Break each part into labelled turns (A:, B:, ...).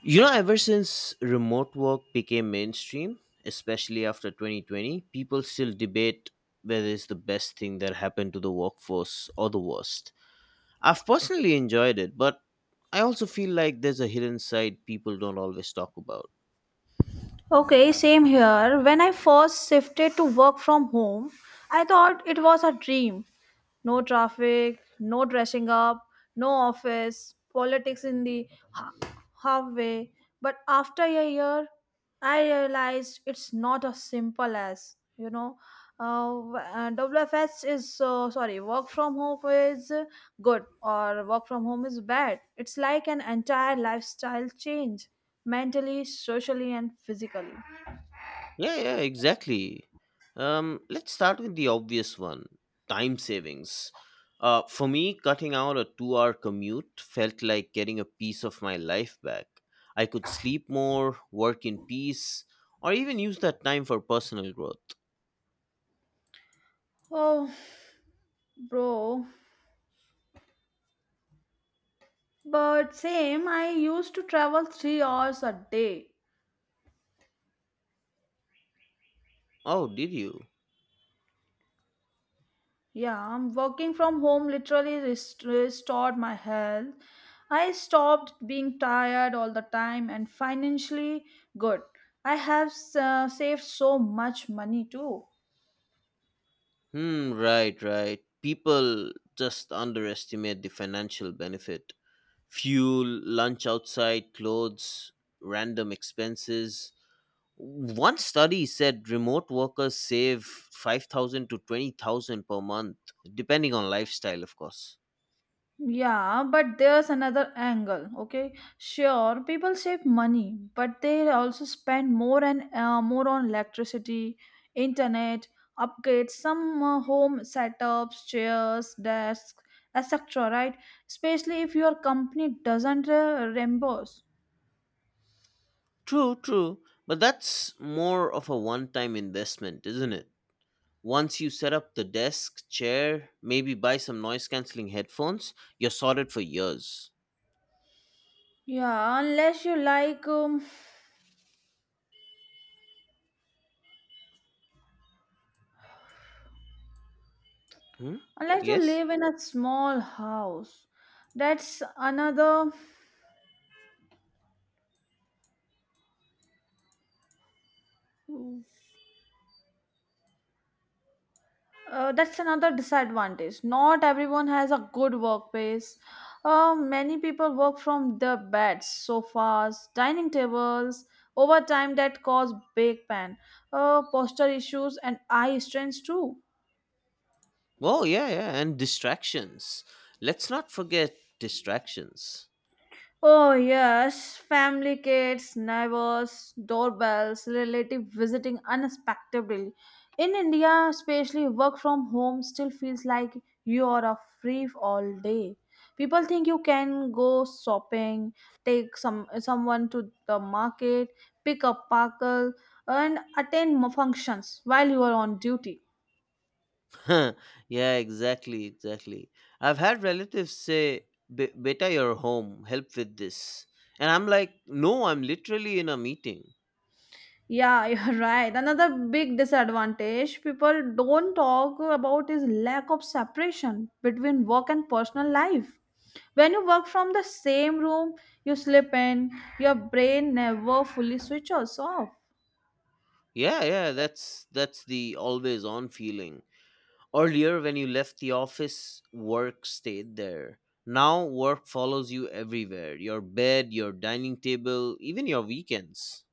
A: You know, ever since remote work became mainstream, especially after 2020, people still debate whether it's the best thing that happened to the workforce or the worst. I've personally enjoyed it, but I also feel like there's a hidden side people don't always talk about.
B: Okay, same here. When I first shifted to work from home, I thought it was a dream. No traffic, no dressing up, no office, politics in the halfway. But after a year, I realized it's not as simple as you know. W- WFS is sorry, work from home is good or work from home is bad. It's like an entire lifestyle change, mentally, socially, and physically.
A: Yeah, yeah, exactly. Let's start with the obvious one time savings. For me, cutting out a 2 hour commute felt like getting a piece of my life back. I could sleep more, work in peace, or even use that time for personal growth.
B: Oh, bro. But same, I used to travel 3 hours a day.
A: Oh, did you?
B: Yeah, I'm working from home literally restored my health. I stopped being tired all the time and financially good. I have saved so much money too.
A: Hmm, right, right. People just underestimate the financial benefit: fuel, lunch outside, clothes, random expenses. One study said remote workers save 5,000 to 20,000 per month, depending on lifestyle, of course.
B: Yeah, but there's another angle. Okay, sure, people save money, but they also spend more and more on electricity, internet, upgrades, some home setups, chairs, desks, etc. Right? Especially if your company doesn't reimburse.
A: True, true. But that's more of a one time investment, isn't it? Once you set up the desk, chair, maybe buy some noise cancelling headphones, you're sorted for years.
B: Yeah, unless you like,
A: Hmm?
B: unless you
A: Yes?
B: live in a small house. That's another that's another disadvantage. Not everyone has a good workplace. Many people work from their beds, sofas, dining tables. Over time, that cause back pain, posture issues, and eye strains too.
A: Oh, yeah, yeah. And distractions. Let's not forget distractions.
B: Oh, yes, family, kids, neighbors, doorbells, relative visiting unexpectedly. In India, especially work from home still feels like you are a free all day. People think you can go shopping, take someone to the market, pick up parcel, and attend functions while you are on duty.
A: Yeah, exactly, exactly. I've had relatives say, "Be- Beta, you're home. Help with this," and I'm like, "No, I'm literally in a meeting."
B: Yeah, you're right. Another big disadvantage people don't talk about is lack of separation between work and personal life. When you work from the same room, you sleep in, your brain never fully switches off.
A: Yeah, yeah, that's the always on feeling. Earlier, when you left the office, work stayed there. Now, work follows you everywhere. Your bed, your dining table, even your weekends.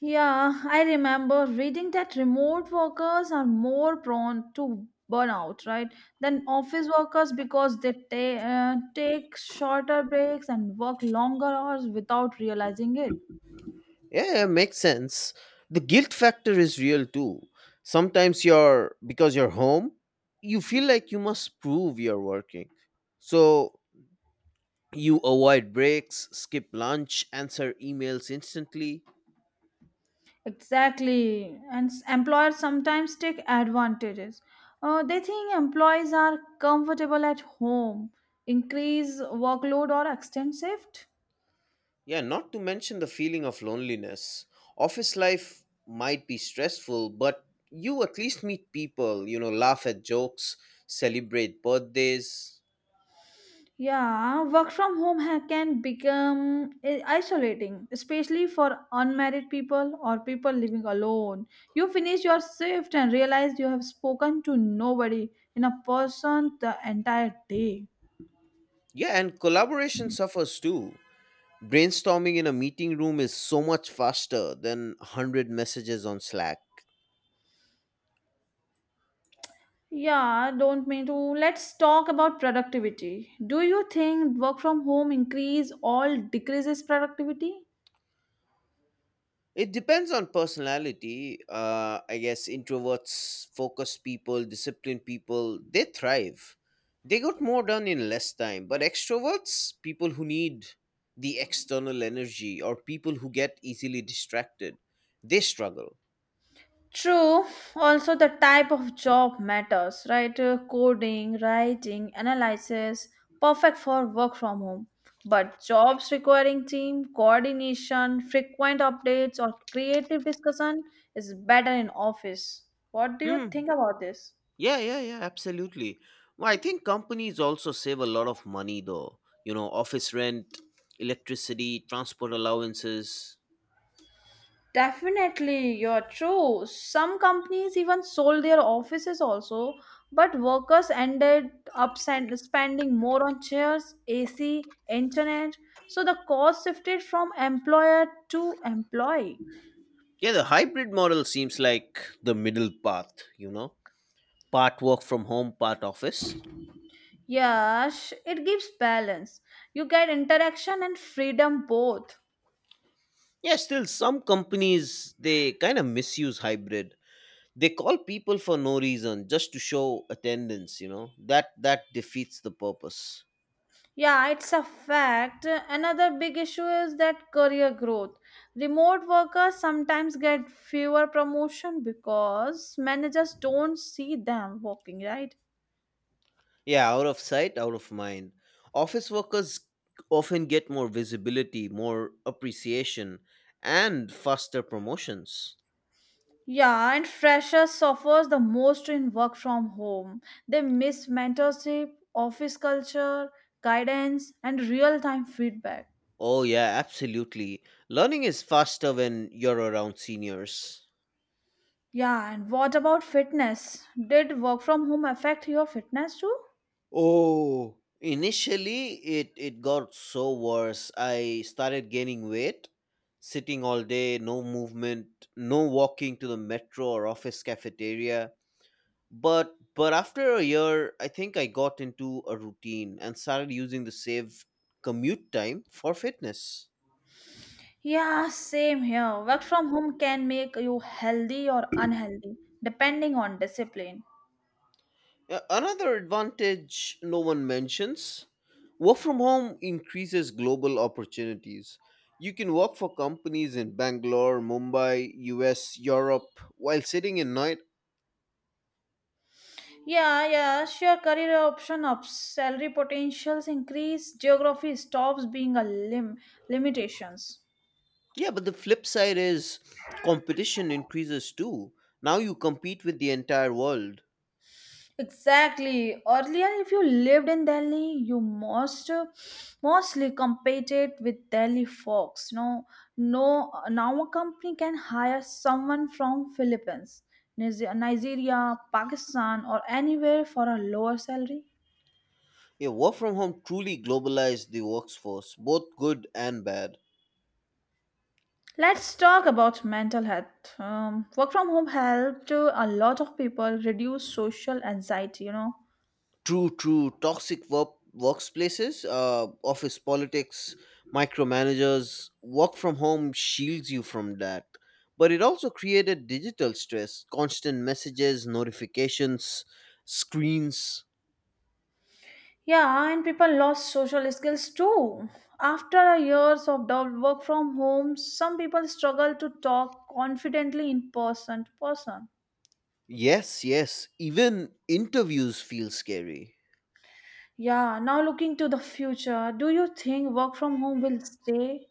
B: Yeah, I remember reading that remote workers are more prone to burnout, right, than office workers because they take shorter breaks and work longer hours without realizing it.
A: Yeah, it makes sense. The guilt factor is real too. Sometimes you're because you're home, you feel like you must prove you're working. So you avoid breaks, skip lunch, answer emails instantly.
B: Exactly. And employers sometimes take advantages. They think employees are comfortable at home, increase workload or extend shift.
A: Yeah, not to mention the feeling of loneliness. Office life might be stressful, but you at least meet people, you know, laugh at jokes, celebrate birthdays.
B: Yeah, work from home can become isolating, especially for unmarried people or people living alone. You finish your shift and realize you have spoken to nobody in a person the entire day.
A: Yeah, and collaboration suffers too. Brainstorming in a meeting room is so much faster than 100 messages on Slack.
B: Yeah, don't mean to. Let's talk about productivity. Do you think work from home increase or decreases productivity?
A: It depends on personality. I guess introverts, focused people, disciplined people, they thrive. They got more done in less time. But extroverts, people who need the external energy or people who get easily distracted, they struggle.
B: True. Also, the type of job matters, right? Coding, writing, analysis, perfect for work from home. But jobs requiring team coordination, frequent updates, or creative discussion is better in office. What do you
A: Hmm.
B: think about this?
A: Yeah, yeah, yeah, absolutely. Well, I think companies also save a lot of money though. You know, office rent, electricity, transport allowances.
B: Definitely, you're true. Some companies even sold their offices also, but workers ended up spending more on chairs, AC, internet, so the cost shifted from employer to employee.
A: Yeah, the hybrid model seems like the middle path, you know. Part work from home, part office.
B: Yes, it gives balance. You get interaction and freedom both.
A: Yeah, still some companies they kind of misuse hybrid. They call people for no reason just to show attendance, you know. That defeats the purpose.
B: Yeah, it's a fact. Another big issue is that career growth. Remote workers sometimes get fewer promotion because managers don't see them working, right?
A: Yeah, out of sight, out of mind. Office workers often get more visibility, more appreciation, and faster promotions.
B: Yeah, and freshers suffers the most in work from home. They miss mentorship, office culture, guidance, and real-time feedback.
A: Oh, yeah, absolutely. Learning is faster when you're around seniors.
B: Yeah, and what about fitness? Did work from home affect your fitness too?
A: Oh, initially it got so worse. I started gaining weight, sitting all day, no movement, no walking to the metro or office cafeteria. But after a year I think I got into a routine and started using the saved commute time for fitness.
B: Yeah, same here. Work from home can make you healthy or unhealthy, depending on discipline.
A: Another advantage no one mentions: work from home increases global opportunities. You can work for companies in Bangalore, Mumbai, US, Europe while sitting in night.
B: Yeah, yeah, sure. Career option of salary potentials increase. Geography stops being a limitations.
A: Yeah, but the flip side is competition increases too. Now you compete with the entire world.
B: Exactly. Earlier, if you lived in Delhi, you mostly competed with Delhi folks. No, no. Now a company can hire someone from Philippines, Nigeria, Pakistan, or anywhere for a lower salary.
A: Yeah, work from home truly globalized the workforce, both good and bad.
B: Let's talk about mental health. Work from home helped a lot of people reduce social anxiety. You know,
A: True, true. Toxic workplaces, office politics, micromanagers. Work from home shields you from that, but it also created digital stress, constant messages, notifications, screens.
B: yeah, and people lost social skills too. After a years of double work from home, some people struggle to talk confidently in person to person.
A: Yes, yes. Even interviews feel scary.
B: Yeah, now looking to the future, do you think work from home will stay?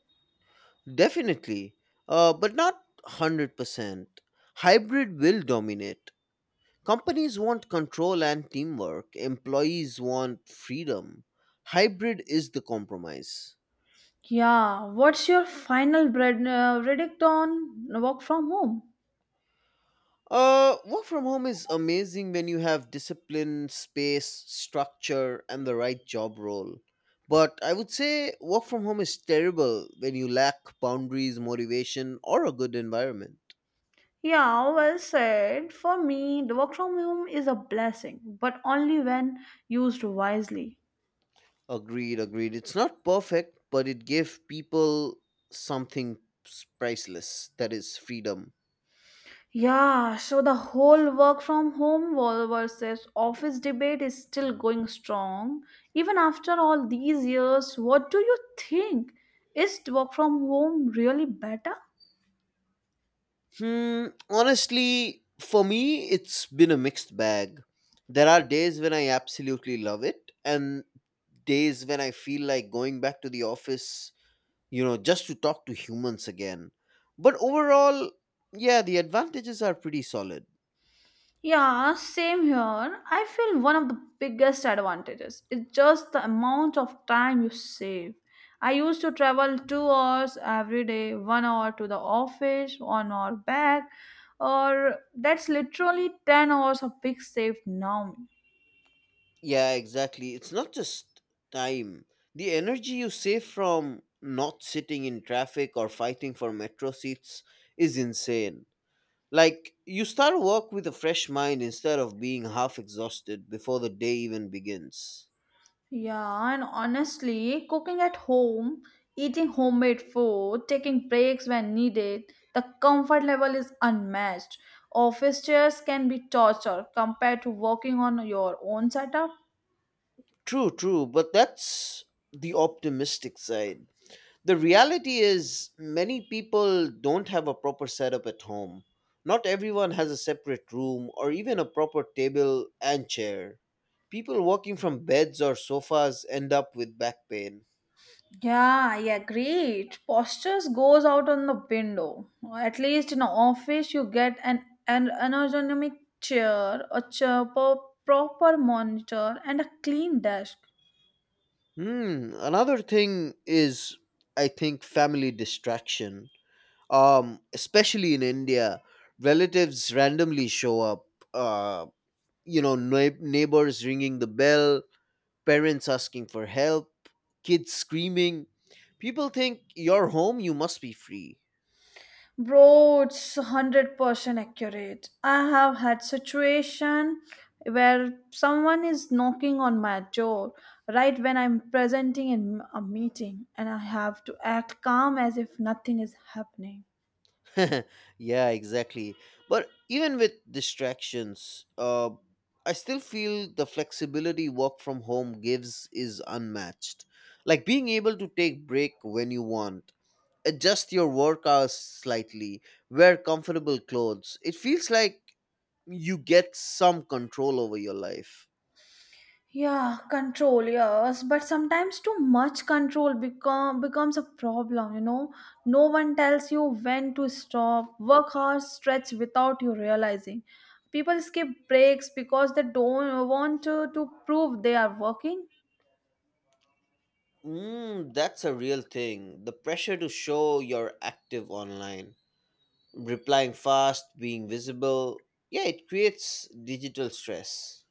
A: Definitely, but not 100%. Hybrid will dominate. Companies want control and teamwork, employees want freedom. Hybrid is the compromise.
B: Yeah, what's your final verdict on work from home?
A: Work from home is amazing when you have discipline, space, structure, and the right job role. But I would say work from home is terrible when you lack boundaries, motivation, or a good environment.
B: Yeah, well said. For me, the work from home is a blessing, but only when used wisely.
A: Agreed, agreed. It's not perfect, but it gave people something priceless, that is freedom.
B: Yeah, so the whole work from home versus office debate is still going strong. Even after all these years, what do you think? Is work from home really better?
A: Hmm, honestly, for me, it's been a mixed bag. There are days when I absolutely love it, and days when I feel like going back to the office, you know, just to talk to humans again. But overall, yeah, the advantages are pretty solid.
B: Yeah, same here. I feel one of the biggest advantages is just the amount of time you save. I used to travel 2 hours every day, one hour to the office, one hour back, or that's literally 10 hours of big saved now.
A: Yeah, exactly. It's not just time, the energy you save from not sitting in traffic or fighting for metro seats is insane. Like, you start work with a fresh mind instead of being half exhausted before the day even begins.
B: Yeah, and honestly, cooking at home, eating homemade food, taking breaks when needed, the comfort level is unmatched. Office chairs can be torture compared to working on your own setup.
A: True, true, but that's the optimistic side. The reality is, many people don't have a proper setup at home. Not everyone has a separate room or even a proper table and chair. People working from beds or sofas end up with back pain.
B: Yeah, yeah, great. Postures goes out on the window. At least in office, you get an ergonomic chair, proper monitor, and a clean desk.
A: Hmm, another thing is, I think, family distraction. Especially in India, relatives randomly show up. Uh, you know, neighbors ringing the bell, parents asking for help, kids screaming. People think you're home, you must be free.
B: Bro, it's 100% accurate. I have had situation where someone is knocking on my door right when I'm presenting in a meeting and I have to act calm as if nothing is happening.
A: Yeah, exactly. But even with distractions, I still feel the flexibility work from home gives is unmatched. Like being able to take break when you want, adjust your work hours slightly, wear comfortable clothes. It feels like you get some control over your life.
B: Yeah, control, yes, but sometimes too much control becomes a problem, you know. No one tells you when to stop, work hard, stretch without you realizing. People skip breaks because they don't want to prove they are working.
A: Mm, that's a real thing. The pressure to show you're active online, replying fast, being visible. Yeah, it creates digital stress.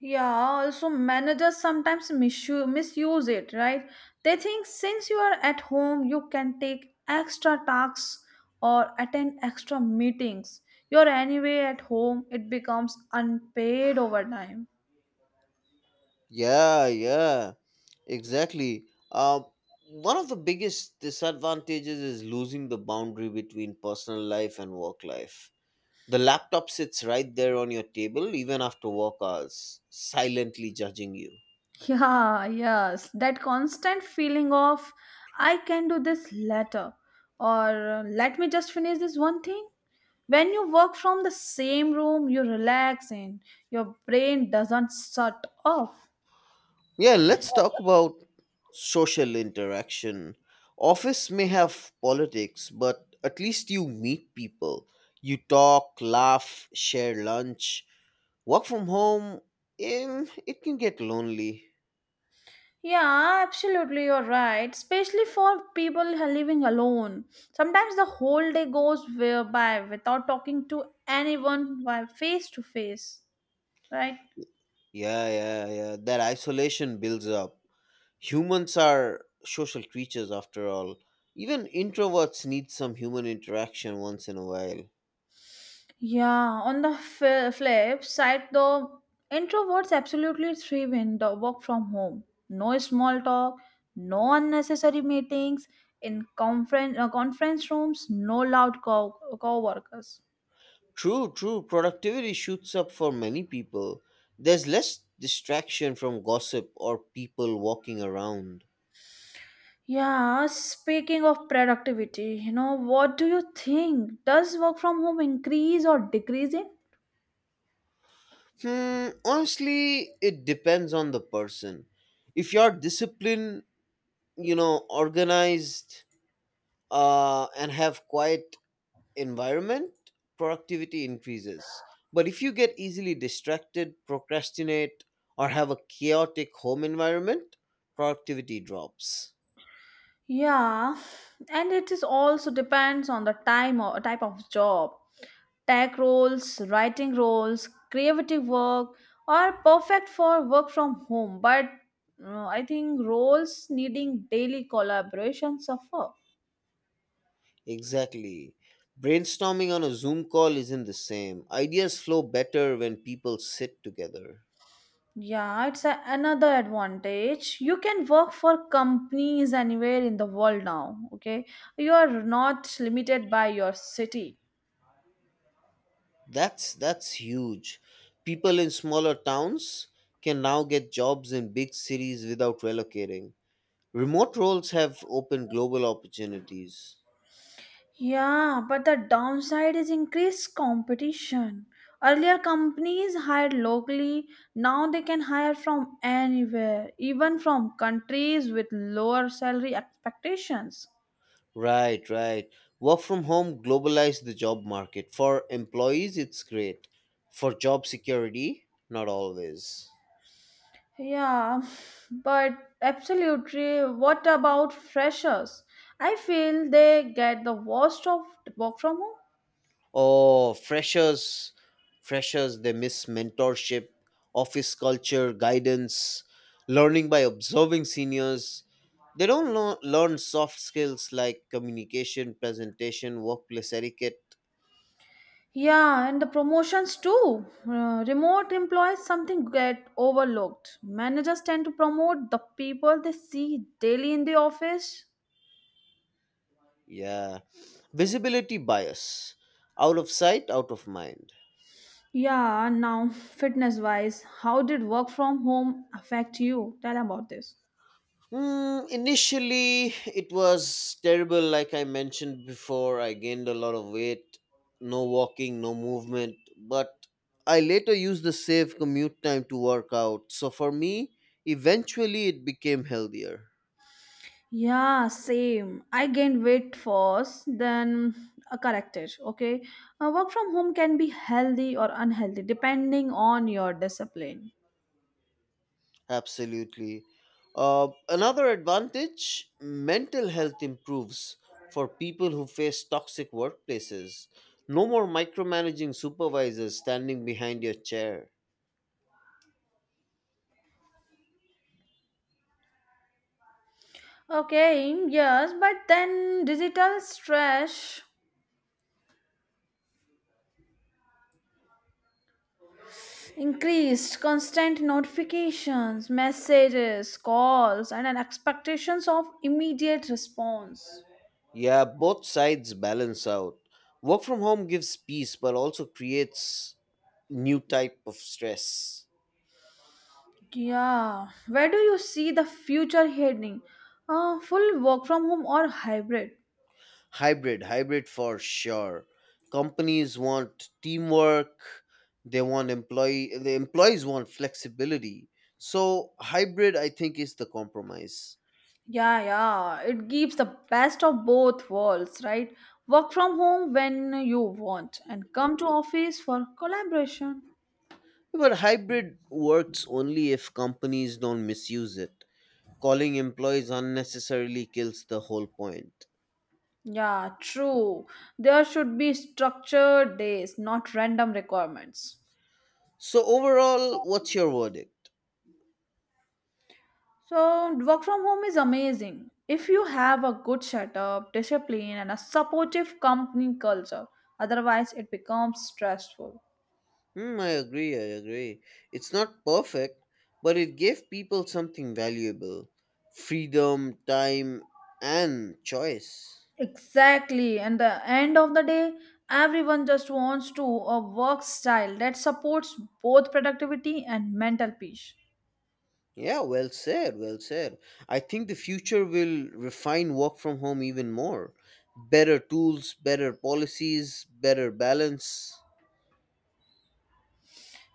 B: Yeah, also managers sometimes misuse it, right? They think since you are at home, you can take extra tasks or attend extra meetings. You're anyway at home, it becomes unpaid overtime.
A: Yeah, yeah, exactly. Uh, One of the biggest disadvantages is losing the boundary between personal life and work life. The laptop sits right there on your table even after work hours, silently judging you.
B: Yeah, yes, that constant feeling of I can do this later or let me just finish this one thing. When you work from the same room, you relax and your brain doesn't shut off.
A: Yeah, let's talk about social interaction. Office may have politics, but at least you meet people. You talk, laugh, share lunch. Work from home, em, it can get lonely.
B: Yeah, absolutely, you're right. Especially for people who are living alone. Sometimes the whole day goes by without talking to anyone by face to face, right?
A: Yeah, yeah, yeah. That isolation builds up. Humans are social creatures after all. Even introverts need some human interaction once in a while.
B: Yeah, on the flip side, though, introverts absolutely thrive in the work from home. No small talk, no unnecessary meetings in conference rooms, no loud co-workers.
A: True, true. Productivity shoots up for many people. There's less distraction from gossip or people walking around.
B: Yeah, speaking of productivity, you know, what do you think? Does work from home increase or decrease it?
A: Hmm, honestly, it depends on the person. If you're disciplined, you know, organized, and have quiet environment, productivity increases. But if you get easily distracted, procrastinate, or have a chaotic home environment, productivity drops.
B: Yeah, and it is also depends on the time or type of job. Tech roles, writing roles, creative work are perfect for work from home, but I think roles needing daily collaboration suffer.
A: Exactly. Brainstorming on a Zoom call isn't the same. Ideas flow better when people sit together.
B: Yeah, it's another advantage. You can work for companies anywhere in the world now, okay? You are not limited by your city.
A: That's huge. People in smaller towns can now get jobs in big cities without relocating. Remote roles have opened global opportunities.
B: Yeah, but the downside is increased competition. Earlier, companies hired locally, now they can hire from anywhere, even from countries with lower salary expectations.
A: Right, right. Work from home globalized the job market. For employees, it's great. For job security, not always.
B: Yeah, but absolutely. What about freshers? I feel they get the worst of work from home.
A: Oh, freshers, freshers, they miss mentorship, office culture, guidance, learning by observing seniors. They don't learn soft skills like communication, presentation, workplace etiquette.
B: Yeah, and the promotions too. Remote employees something get overlooked. Managers tend to promote the people they see daily in the office.
A: Yeah. Visibility bias. Out of sight, out of mind.
B: Yeah, now fitness wise, how did work from home affect you? Tell about this.
A: Mm, initially, it was terrible. Like I mentioned before, I gained a lot of weight, no walking, no movement. But I later used the saved commute time to work out. So for me, eventually, it became healthier.
B: Yeah, same. I gained weight first, then corrected. Okay. Work from home can be healthy or unhealthy depending on your discipline.
A: Absolutely. Another advantage: mental health improves for people who face toxic workplaces. No more micromanaging supervisors standing behind your chair.
B: Okay, yes, but then digital stress increased, constant notifications, messages, calls, and an expectations of immediate response.
A: Yeah, both sides balance out. Work from home gives peace but also creates new type of stress.
B: Yeah, where do you see the future heading? Full work from home or hybrid?
A: Hybrid, hybrid for sure. Companies want teamwork, they want employees want flexibility. So hybrid I think is the compromise.
B: Yeah, yeah. It gives the best of both worlds, right? Work from home when you want and come to office for collaboration.
A: But hybrid works only if companies don't misuse it. Calling employees unnecessarily kills the whole point.
B: Yeah, true. There should be structured days, not random requirements.
A: So overall, what's your verdict?
B: So, work from home is amazing if you have a good setup, discipline, and a supportive company culture. Otherwise, it becomes stressful.
A: Hmm, I agree, I agree. It's not perfect, but it gave people something valuable: freedom, time, and choice.
B: Exactly. And the end of the day, everyone just wants to a work style that supports both productivity and mental peace.
A: Yeah, well said, well said. I think the future will refine work from home even more. Better tools, better policies, better balance.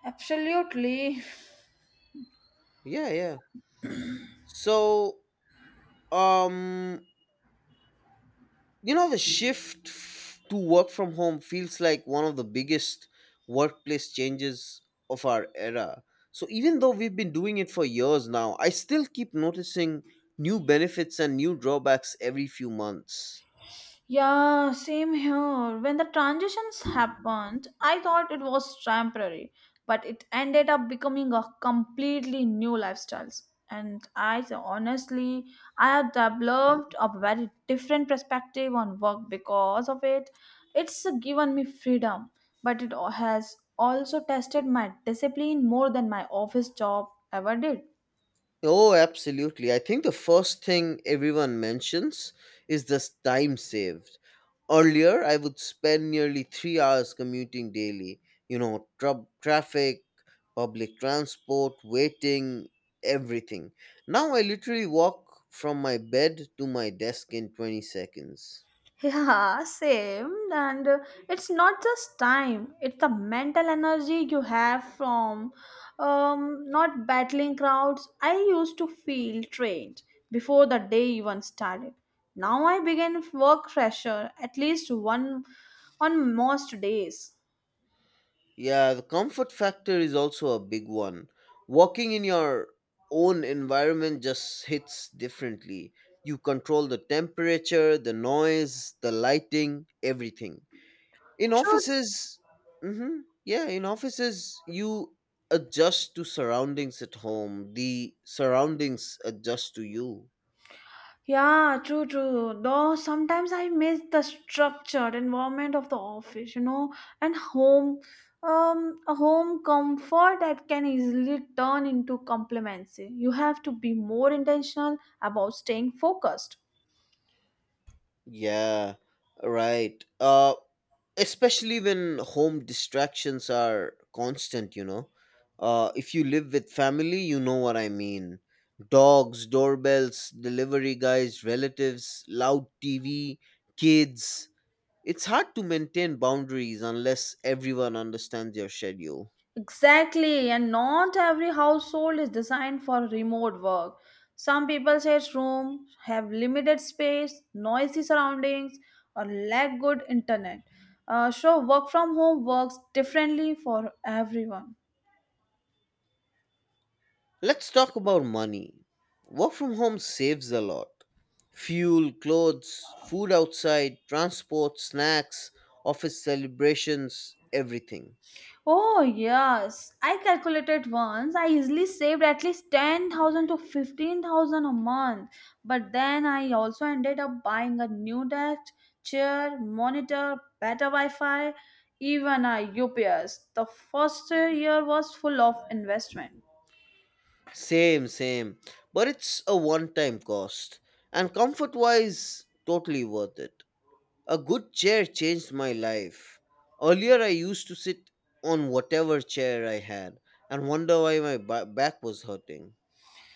B: Absolutely.
A: Yeah, yeah. So, um, you know, the shift to work from home feels like one of the biggest workplace changes of our era. So, even though we've been doing it for years now, I still keep noticing new benefits and new drawbacks every few months.
B: Yeah, same here. When the transitions happened, I thought it was temporary, but it ended up becoming a completely new lifestyles. And honestly, I have developed a very different perspective on work because of it. It's given me freedom, but it has also tested my discipline more than my office job ever did.
A: Oh, absolutely. I think the first thing everyone mentions is this time saved. Earlier, I would spend nearly 3 hours commuting daily. You know, traffic, public transport, waiting, everything. Now I literally walk from my bed to my desk in 20 seconds.
B: Yeah, same. And it's not just time, it's the mental energy you have from not battling crowds. I used to feel drained before the day even started. Now I begin work fresher at least one on most days.
A: Yeah, the comfort factor is also a big one. Walking in your own environment just hits differently. You control the temperature, the noise, the lighting, everything. In
B: True.
A: offices, hmm, yeah, in offices, you adjust to surroundings. At home, the surroundings adjust to you.
B: Yeah, true, true. Though sometimes I miss the structured environment of the office, you know, and home, a home comfort that can easily turn into complacency. You have to be more intentional about staying focused.
A: Yeah, right. Especially when home distractions are constant, you know. If you live with family, you know what I mean. Dogs, doorbells, delivery guys, relatives, loud TV, kids. It's hard to maintain boundaries unless everyone understands your schedule.
B: Exactly, and not every household is designed for remote work. Some people's rooms have limited space, noisy surroundings, or lack good internet. So, work from home works differently for everyone.
A: Let's talk about money. Work from home saves a lot. Fuel, clothes, food outside, transport, snacks, office celebrations, everything.
B: Oh yes, I calculated once. I easily saved at least 10,000 to 15,000 a month. But then I also ended up buying a new desk, chair, monitor, better Wi-Fi, even a UPS. The first year was full of investment.
A: Same, same. But it's a one time cost. And comfort wise, totally worth it. A good chair changed my life. Earlier, I used to sit on whatever chair I had and wonder why my back was hurting.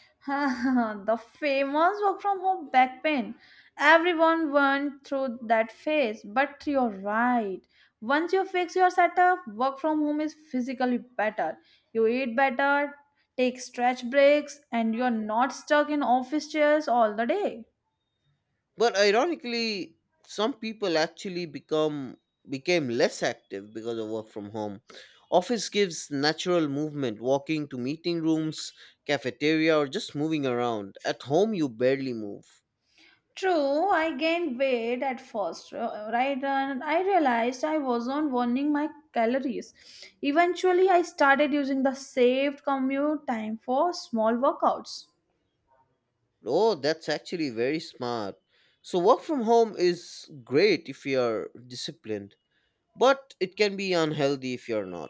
B: The famous work from home back pain. Everyone went through that phase, but you're right. Once you fix your setup, work from home is physically better. You eat better, take stretch breaks, and you're not stuck in office chairs all the day.
A: But ironically, some people actually become became less active because of work from home. Office gives natural movement, walking to meeting rooms, cafeteria, or just moving around. At home, you barely move.
B: True, I gained weight at first, right? And I realized I wasn't burning my calories. Eventually, I started using the saved commute time for small workouts.
A: Oh, that's actually very smart. So, work from home is great if you're disciplined, but it can be unhealthy if you're not.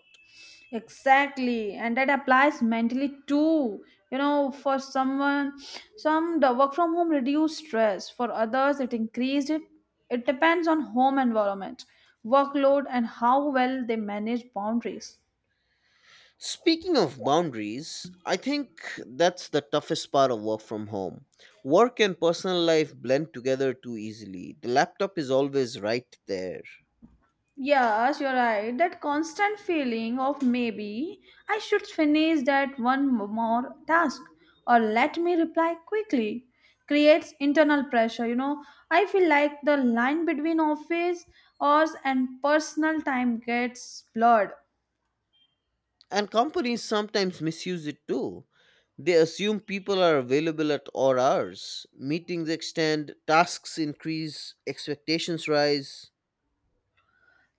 B: Exactly, and that applies mentally too. You know, for someone, some the work from home reduced stress. For others, it increased it. It depends on home environment, workload, and how well they manage boundaries.
A: Speaking of boundaries, I think that's the toughest part of work from home. Work and personal life blend together too easily. The laptop is always right there.
B: Yes, you're right. That constant feeling of maybe I should finish that one more task or let me reply quickly creates internal pressure. You know, I feel like the line between office hours and personal time gets blurred.
A: And companies sometimes misuse it too. They assume people are available at all hours. Meetings extend, tasks increase, expectations rise.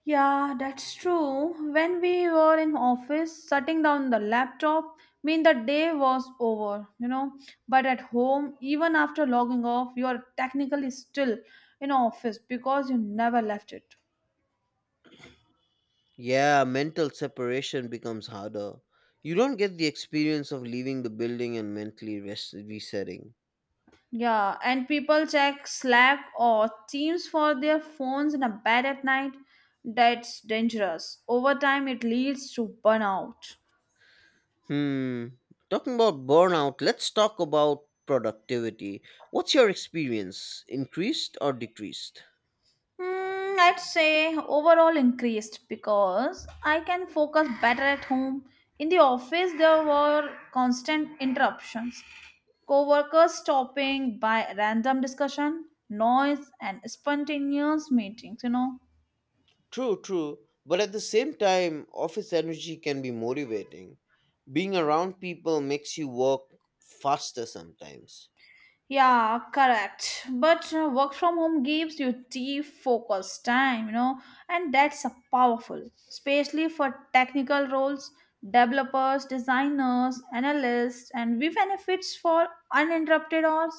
B: Yeah, that's true. When we were in office, shutting down the laptop mean the day was over, you know. But at home, even after logging off, you are technically still in office because you never left it.
A: Yeah, mental separation becomes harder. You don't get the experience of leaving the building and mentally resetting.
B: Yeah, and people check Slack or Teams for their phones in a bed at night. That's dangerous. Over time, it leads to burnout.
A: Hmm. Talking about burnout, let's talk about productivity. What's your experience? Increased or decreased?
B: Mm, I'd say overall increased because I can focus better at home. In the office, there were constant interruptions, coworkers stopping by random discussion, noise, and spontaneous meetings. You know,
A: True, true. But at the same time, office energy can be motivating. Being around people makes you work faster sometimes.
B: yeah, correct. But work from home gives you deep focus time, you know, and that's a powerful, especially for technical roles, developers, designers, analysts, and we benefits for uninterrupted hours.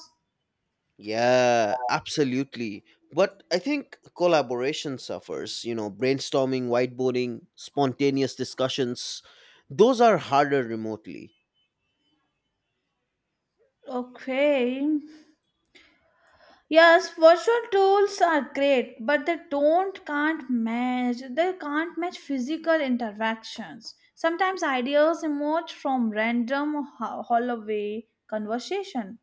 A: Yeah, absolutely. But I think collaboration suffers, you know, brainstorming, whiteboarding, spontaneous discussions. Those are harder remotely.
B: Okay. Yes, virtual tools are great, but they don't can't match. They can't match physical interactions. Sometimes ideas emerge from random hallway conversation.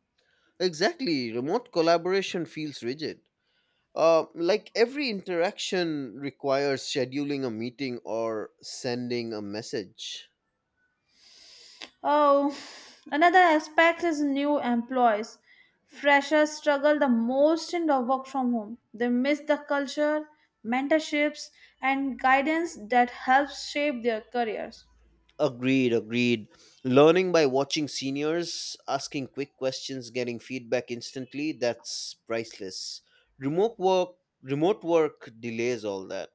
A: Exactly. Remote collaboration feels rigid. Like every interaction requires scheduling a meeting or sending a message.
B: Oh, another aspect is new employees. Freshers struggle the most in the work from home. They miss the culture, mentorships, and guidance that helps shape their careers.
A: Agreed, agreed. Learning by watching seniors, asking quick questions, getting feedback instantly, that's priceless. Remote work, remote work delays all that.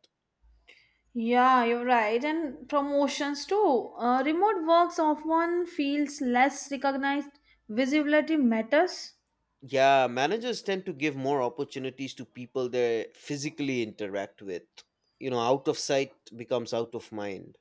B: Yeah, you're right. And promotions too. Remote works often feels less recognized. Visibility matters.
A: Yeah, managers tend to give more opportunities to people they physically interact with. You know, out of sight becomes out of mind.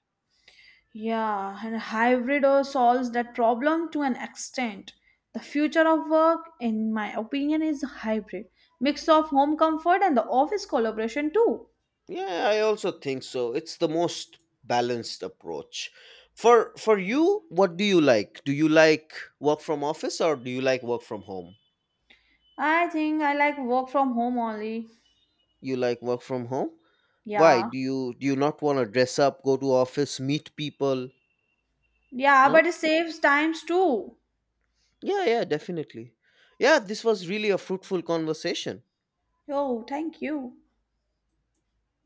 B: Yeah, and hybrid or solves that problem to an extent. The future of work, in my opinion, is hybrid mix of home comfort and the office collaboration too.
A: Yeah, I also think so. It's the most balanced approach. For you, what do you like? Do you like work from office or do you like work from home?
B: I think I like work from home only.
A: You like work from home? Why?
B: Yeah,
A: Do you not want to dress up, go to office, meet people?
B: yeah, but
A: No?
B: it saves times too.
A: Yeah, yeah, definitely. Yeah, this was really a fruitful conversation.
B: Oh, thank you.